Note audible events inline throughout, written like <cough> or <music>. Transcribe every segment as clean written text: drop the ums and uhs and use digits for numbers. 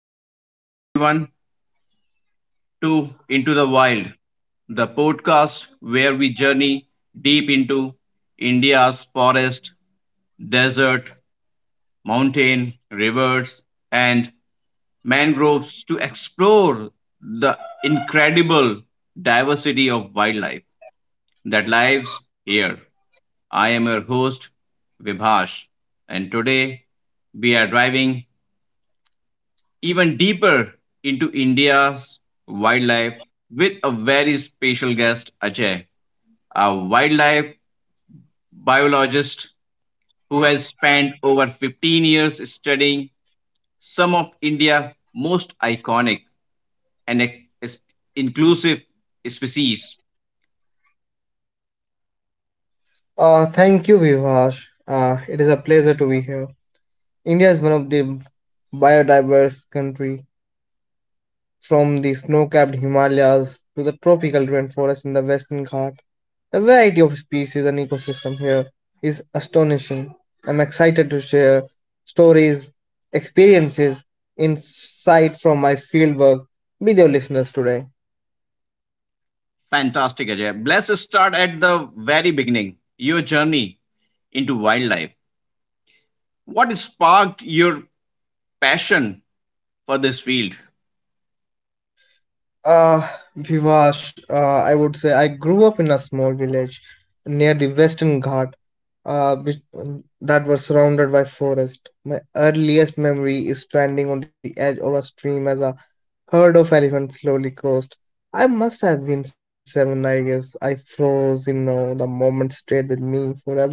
Welcome back, everyone, to Into the Wild, the podcast where we journey deep into India's forest, desert, mountain, rivers, and mangroves to explore the incredible diversity of wildlife that lives here. I am your host, Vibhash, and today we are driving even deeper into India's wildlife with a very special guest, Ajay, a wildlife biologist who has spent over 15 years studying some of India's most iconic and ex- inclusive species. Thank you, Vivash. It is a pleasure to be here. India is one of the biodiverse country, from the snow-capped Himalayas to the tropical rainforest in the Western Ghat. The variety of species and ecosystem here is astonishing. I'm excited to share stories, experiences, insight from my fieldwork with your listeners today. Fantastic, Ajay. Let's start at the very beginning, your journey into wildlife. What sparked your passion for this field? Uh, Vivash, I would say I grew up in a small village near the Western Ghat, uh, which, that was surrounded by forest. My earliest memory is standing on the edge of a stream as a herd of elephants slowly crossed. I must have been seven, I guess. I froze, you know, the moment stayed with me forever.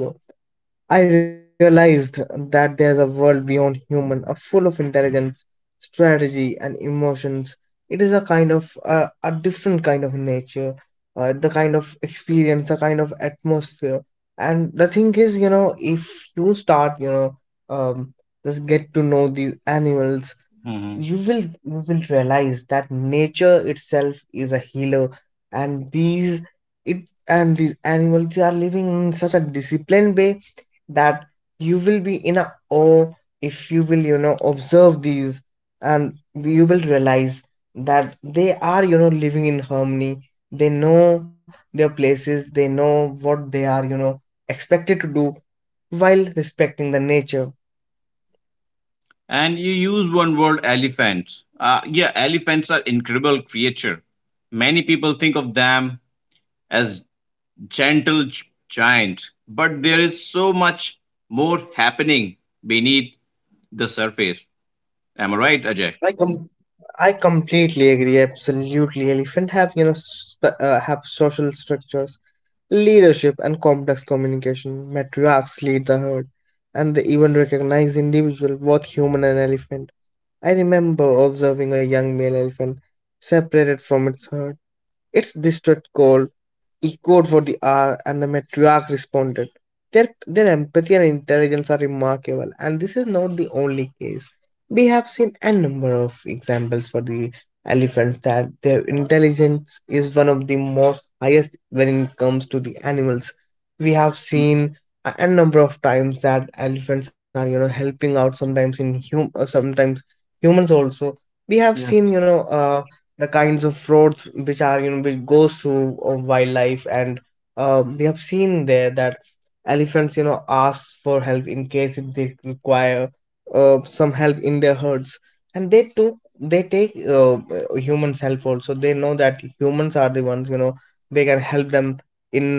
I realized that there's a world beyond human, a full of intelligence, strategy, and emotions. It is a kind of a different kind of nature, the kind of experience, the kind of atmosphere. And the thing is, you know, if you start, um, just get to know these animals, you will realize that nature itself is a healer, and these it and these animals, they are living in such a disciplined way that you will be in a awe if you will, you know, observe these, and you will realize that they are, you know, living in harmony. They know their places, they know what they are, you know, expected to do while respecting the nature. And you use one word, elephants. Yeah, elephants are incredible creature. Many people think of them as gentle giant, but there is so much more happening beneath the surface. Am I right, Ajay? I com- I completely agree. Absolutely, elephant have, you know, have social structures, leadership, and complex communication. Matriarchs lead the herd, and they even recognize individual, both human and elephant. I remember observing a young male elephant separated from its herd. It's district called echoed for the hour, and the matriarch responded. Their empathy and intelligence are remarkable, and this is not the only case. We have seen a number of examples for the elephants that their intelligence is one of the most highest when it comes to the animals. We have seen a number of times that elephants are, you know, helping out sometimes in hum sometimes humans also. We have Yes. seen, you know, the kinds of roads which are, you know, which goes through wildlife, and we have seen there that elephants, you know, ask for help in case if they require some help in their herds, and they take humans help also. They know that humans are the ones, you know, they can help them in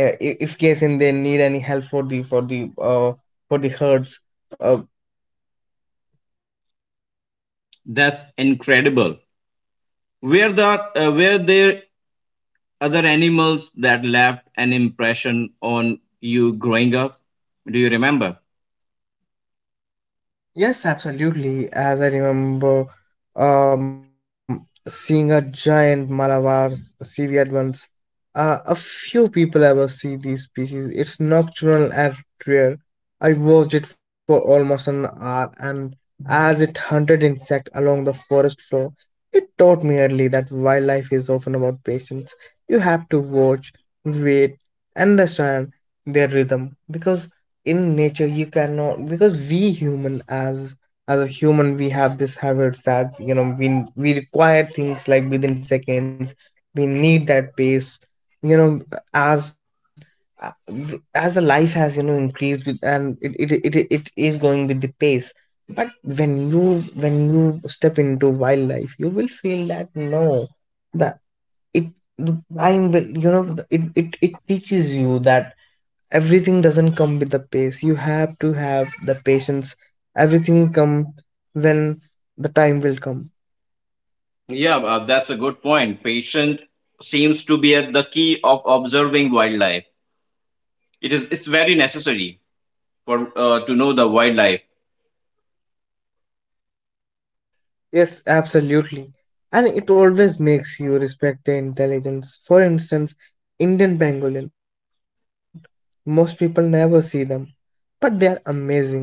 if case in they need any help for the for the herds. Uh, That's incredible. Were there other animals that left an impression on you growing up? Do you remember? Yes, absolutely. As I remember, seeing a giant Malabar seaweed once. A few people ever see these species. It's nocturnal and rare. I watched it for almost an hour, and as it hunted insect along the forest floor, it taught me early that wildlife is often about patience. You have to watch, wait, understand their rhythm, because in nature you cannot, because we human, as a human, we have this habits that, you know, we require things like within seconds. We need that pace, you know, as uh, as the life has, you know, increased with, and it is going with the pace. But when you step into wildlife, you will feel that no, that it the time will- you know, it teaches you that everything doesn't come with the pace. You have to have the patience. Everything come when the time will come. Yeah, that's a good point. Patient seems to be at the key of observing wildlife. It's very necessary for to know the wildlife. Yes, absolutely, and it always makes you respect their intelligence. For instance, Indian pangolin, most people never see them, but they are amazing.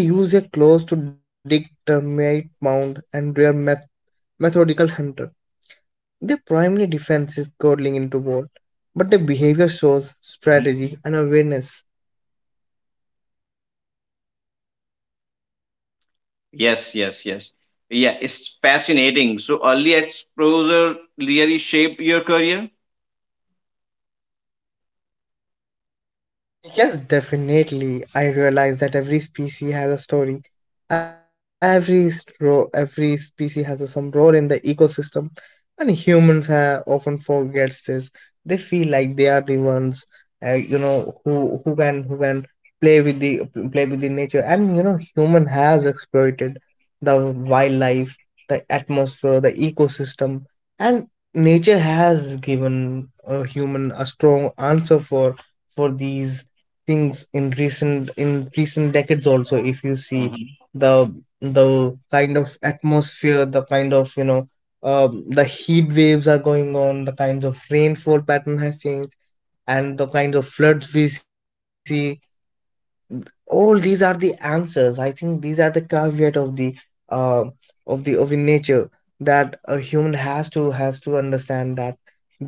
They use their claws to dig termite mound, and they are methodical hunter. Their primary defense is curling into wall, but their behavior shows Mhm. strategy and awareness. Yes, yes, yes. Yeah, it's fascinating. So early exposure really shaped your career. Yes, definitely. I realize that every species has a story. Every species has a, some role in the ecosystem, and humans often forgets this. They feel like they are the ones, you know, who can play with the play with the nature, and, you know, human has exploited the wildlife, the atmosphere, the ecosystem, and nature has given a human a strong answer for these things. In recent decades also, if Mhm. you see, the the kind of atmosphere, the kind of, you know, the heat waves are going on, the kinds of rainfall pattern has changed, and the kinds of floods we see, all these are the answers. I think these are the caveat of the uh, nature, that a human has to, has to understand that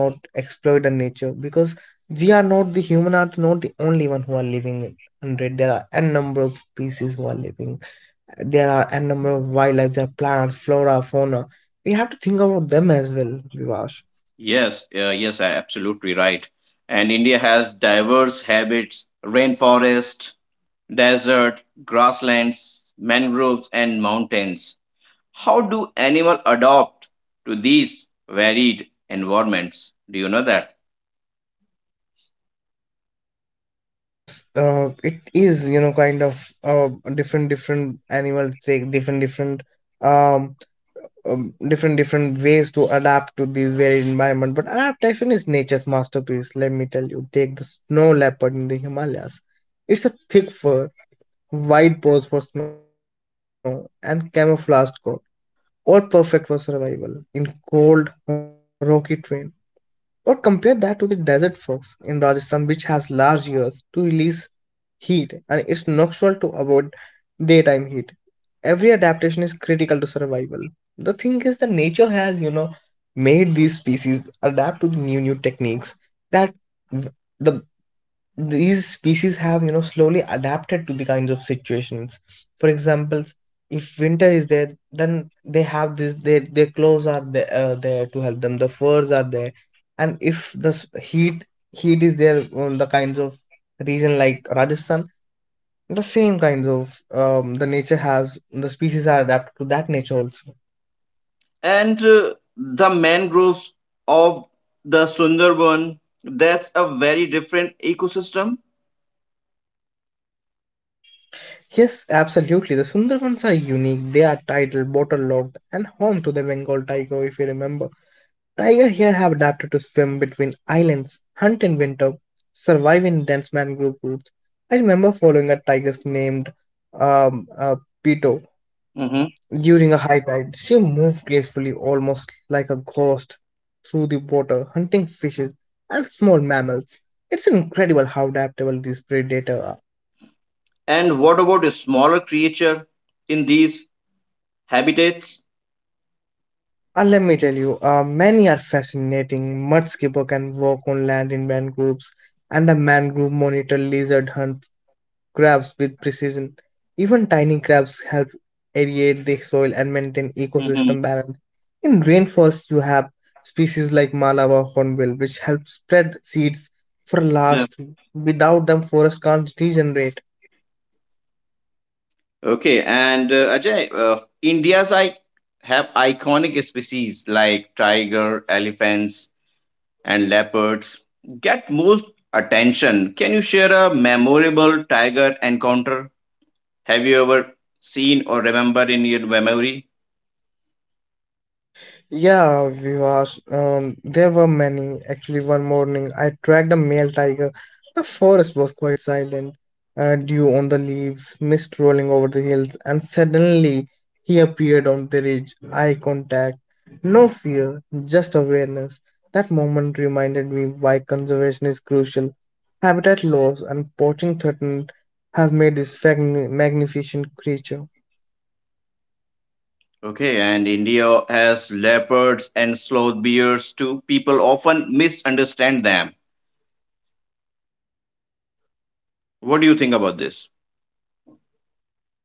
they cannot exploit the nature, because we are not the human are not the only one who are living on it. There are n number of species who are living, there are n number of wildlife, there are plants, flora, fauna. We have to think about them as well, Vivash. Yes, absolutely right. And India has diverse habits: rainforest, desert, grasslands, mangroves, and mountains. How do animals adapt to these varied environments? Do you know that? Yes, it is, you know, kind of, different, different animals take um, different ways to adapt to this varied environment. But adaptation is nature's masterpiece, let me tell you. Take the snow leopard in the Himalayas. It's a thick fur, wide paws for snow, and camouflage coat, all perfect for survival in cold, rocky terrain. Or compare that to the desert fox in Rajasthan, which has large ears to release heat and is nocturnal to avoid daytime heat. Every adaptation is critical to survival. The thing is that nature has, you know, made these species adapt to the new techniques, that v- the these species have, you know, slowly adapted to the kinds of situations. For example, if winter is there, then they have this, their clothes are there, there to help them, the furs are there. And if the heat is there on the kinds of region like Rajasthan, the same kinds of, the nature has, the species are adapted to that nature also. And the mangroves of the Sundarban, that's a very different ecosystem. Yes, absolutely, the Sundarbans are unique. They are titled waterlogged and home to the Bengal tiger, if you remember. Tiger here have adapted to swim between islands, hunt in winter, survive in dense mangrove roots. I remember following a tiger named um, uh, Pito Mhm. during a high tide. She moved gracefully, almost like a ghost, through the water, hunting fishes and small mammals. It's incredible how adaptable these predators are. And what about a smaller creature in these habitats? Let me tell you, many are fascinating. Mud skipper can walk on land in mangroves, and a mangrove monitor lizard hunt crabs with precision. Even tiny crabs help aerate the soil and maintain Mhm. ecosystem balance. In rainforests, you have species like Malava hornbill, which help spread seeds for Yeah. large trees. Without them, forests can't regenerate. Okay, and Ajay, India's I have iconic species like tiger, elephants, and leopards get most attention. Can you share a memorable tiger encounter? Have you ever seen or remember in your memory? Yeah, Vivas, there were many. Actually, one morning I tracked a male tiger. The forest was quite silent, dew on the leaves, mist rolling over the hills, and suddenly he appeared on the ridge, eye contact. No fear, just awareness. That moment reminded me why conservation is crucial. Habitat loss and poaching threatened has made this magnificent creature. Okay, and India has leopards and sloth bears too. People often misunderstand them. What do you think about this?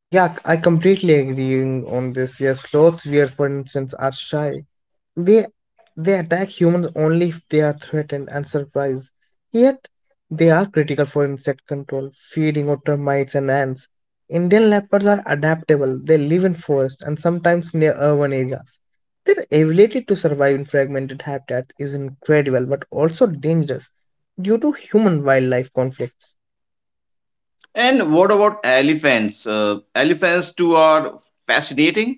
Yeah, I completely agree on this. Yes, sloths, where for instance, are shy. They they attack humans only if they are threatened and surprised. Yet they are critical for insect control, feeding on termites and ants. Indian leopards are adaptable. They live in forests and sometimes near urban areas. Their ability to survive in fragmented habitat is incredible, but also dangerous due to human-wildlife conflicts. And what about elephants? Elephants too are fascinating.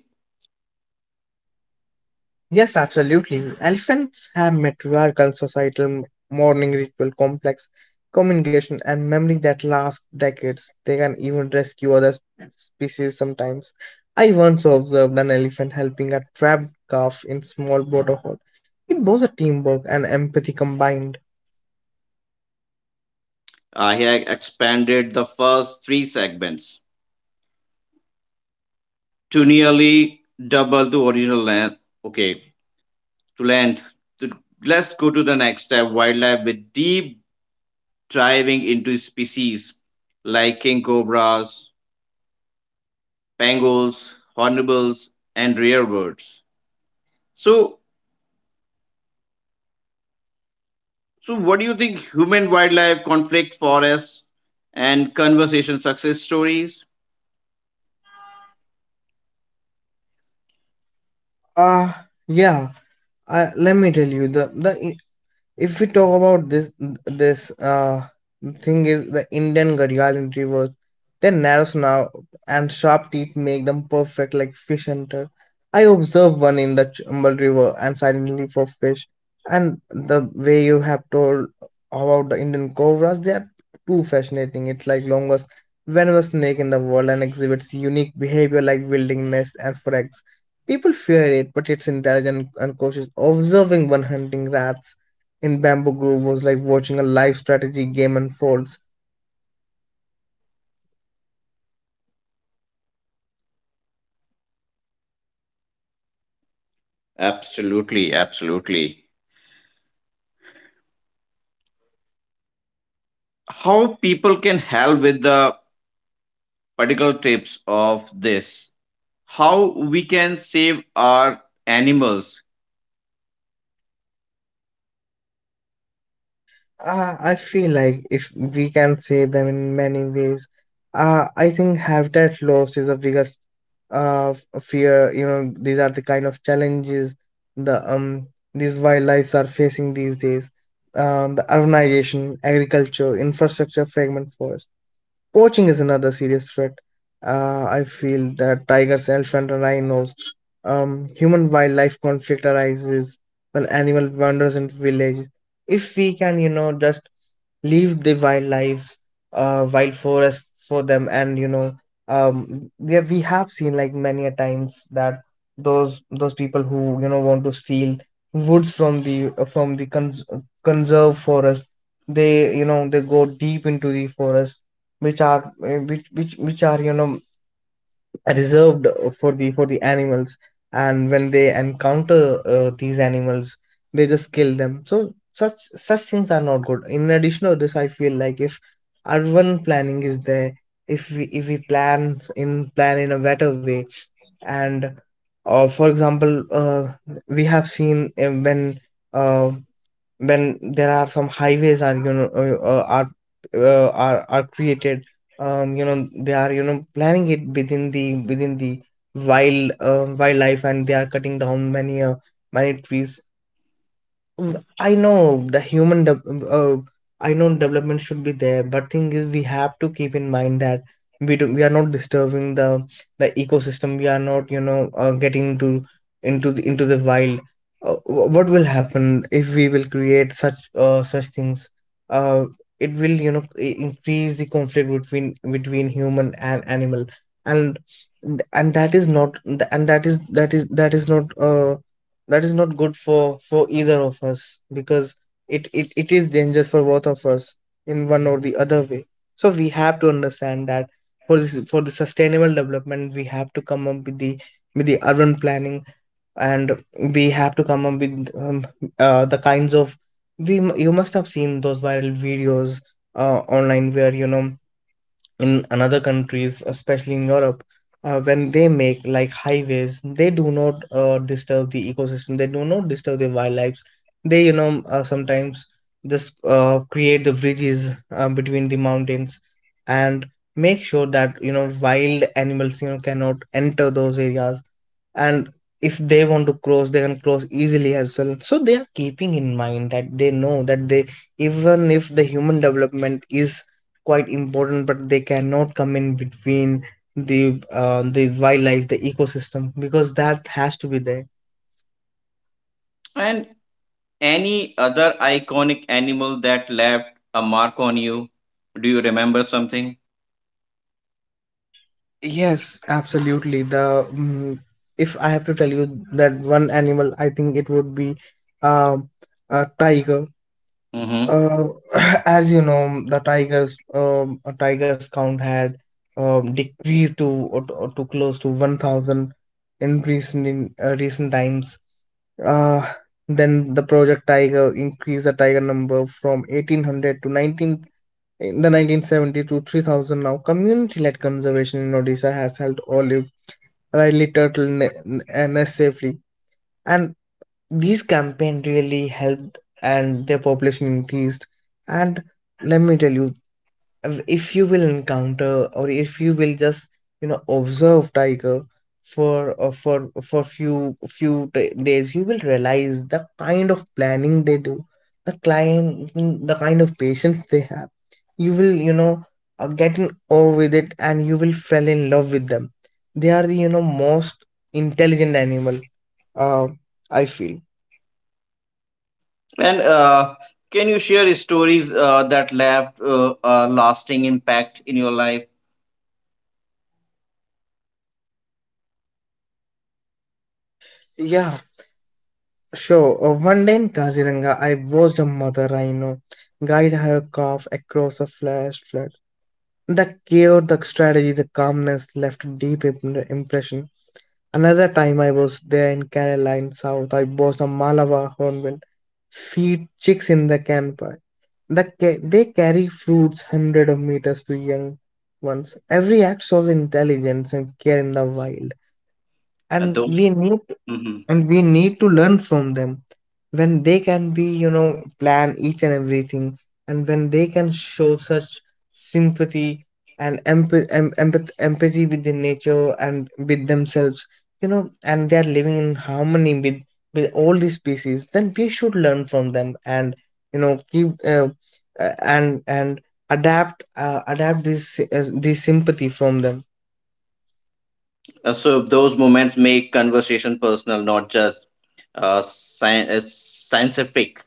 Yes, absolutely. Elephants have matriarchal, societal, mourning ritual, complex communication, and memory that lasts decades. They can even rescue other species sometimes. I once observed an elephant helping a trapped calf in small waterhole. It was a teamwork and empathy combined. I have expanded the first three segments to nearly double the original length. Okay, to land. So let's go to the next step wildlife with deep diving into species like king cobras, pangolins, hornbills, and rare birds. So, so what do you think human wildlife conflict forests and conversation success stories? Ah, yeah. I, let me tell you, the if we talk about this, this thing is the Indian Gharial retrievers, their narrow snout and sharp teeth make them perfect like fish hunter. I observed one in the Chambal River and silently for fish. And the way you have told about the Indian cobras, they are too fascinating. It's like longest venomous snake in the world and exhibits unique behavior like wielding nests and frags. People fear it, but it's intelligent and cautious. Observing one hunting rats in Bamboo Grove was like watching a live strategy game unfolds. Absolutely, absolutely. How people can help with the particular tips of this? How we can save our animals? I feel like if we can save them in many ways, I think habitat loss is the biggest fear. You know, these are the kind of challenges the um these wildlife are facing these days. The urbanization, agriculture, infrastructure fragment first. Poaching is another serious threat. I feel that tigers, elephants, and rhinos. Human wildlife conflict arises when animal wanders into village. If we can, just leave the wildlife, wild forests for them, and we have seen like many a times that those people who want to steal woods from the conserve forest. They they go deep into the forest which are uh, which which which are you know reserved for the animals, and when they encounter these animals, they just kill them. So such such things are not good. In addition to this, I feel like if urban planning is there, if we plan in a better way. And for example uh, we have seen uh, when there are some highways are you know are created. They are planning it within the wildlife, and they are cutting down many trees. W- I know the human, de- uh, I know development should be there, but thing is, we have to keep in mind that we are not disturbing the ecosystem. We are not, getting into the wild. What will happen if we will create such things? Uh, it will, increase the conflict between human and animal, and and that is not, and that is not. That is not good for either of us, because it is dangerous for both of us in one or the other way. So we have to understand that for the sustainable development, we have to come up with the urban planning. And we have to come up with the kinds of we m- you must have seen those viral videos online, where in another countries, especially in Europe. When they make like highways, they do not disturb the ecosystem. They do not disturb the wildlife. They sometimes just create the bridges between the mountains, and make sure that wild animals cannot enter those areas. And if they want to cross, they can cross easily as well. So they are keeping in mind that they know that they, even if the human development is quite important, but they cannot come in between the wildlife, the ecosystem, because that has to be there. And any other iconic animal that left a mark on you? Do you remember something? Yes, absolutely. If I have to tell you that one animal, I think it would be um a tiger. Hmm. Uh, <laughs> as you know, the tigers count had decreased to or to close to 1,000 in recent times. Uh, then the Project Tiger increased the tiger number from 1,800 to 19 in the 1970 to 3,000. Now, community-led conservation in Odisha has helped olive, riley turtle nest safely, and these campaign really helped and their population increased. And let me tell you, if you will encounter, or if you will just observe tiger for few days, you will realize the kind of planning they do, the kind of patience they have. You will get in awe with it, and you will fall in love with them. They are the most intelligent animal, uh, I feel. And can you share stories that left a lasting impact in your life? Yeah, sure. One day in Kaziranga, I watched a mother rhino guide her calf across a flash flood. The care, the strategy, the calmness left deep impression. Another time, I was there in Kerala in South, I watched a Malabar hornbill feed chicks in the canpai. They carry fruits hundred of meters to young ones. Every act shows intelligence and care in the wild. And Those, we need mhm. and we need to learn from them, when they can be plan each and everything, and when they can show such sympathy, and empathy with the nature and with themselves, and they are living in harmony with all the species. Then we should learn from them, and keep, uh, and adapt this sympathy from them. So those moments make conversation personal, not just uh, sci- uh, scientific.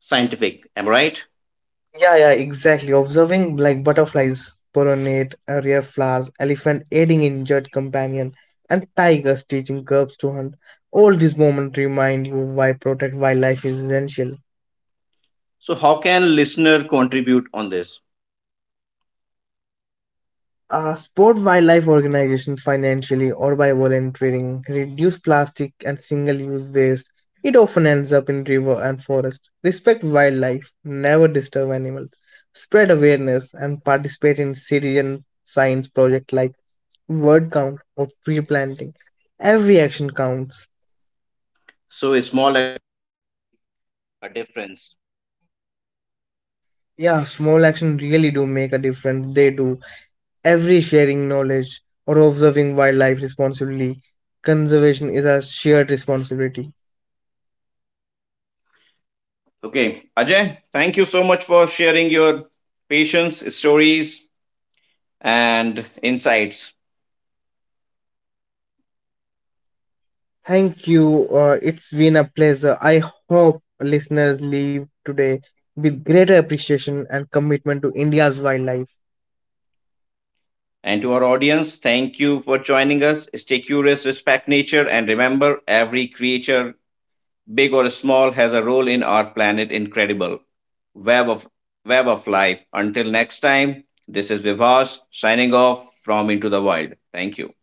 Scientific, am I right? Yeah, yeah, exactly. Observing like butterflies, pollinate, rare flowers, elephant aiding injured companion, and tigers teaching cubs to hunt. All these moments remind you why protect wildlife is essential. So how can listener contribute on this? Support wildlife organizations financially or by volunteering. Reduce plastic and single-use waste. It often ends up in river and forest. Respect wildlife, never disturb animals. Spread awareness and participate in citizen science project like word count of tree planting. Every action counts. Yeah, small action really do make a difference. They do. Every sharing knowledge or observing wildlife responsibly. Conservation is a shared responsibility. Okay, Ajay, thank you so much for sharing your patience, stories, and insights. Thank you. It's been a pleasure. I hope listeners leave today with greater appreciation and commitment to India's wildlife. And to our audience, thank you for joining us. Stay curious, respect nature, and remember every creature, big or small, has a role in our planet incredible web of web of life. Until next time, this is Vivas signing off from Into the Wild. Thank you.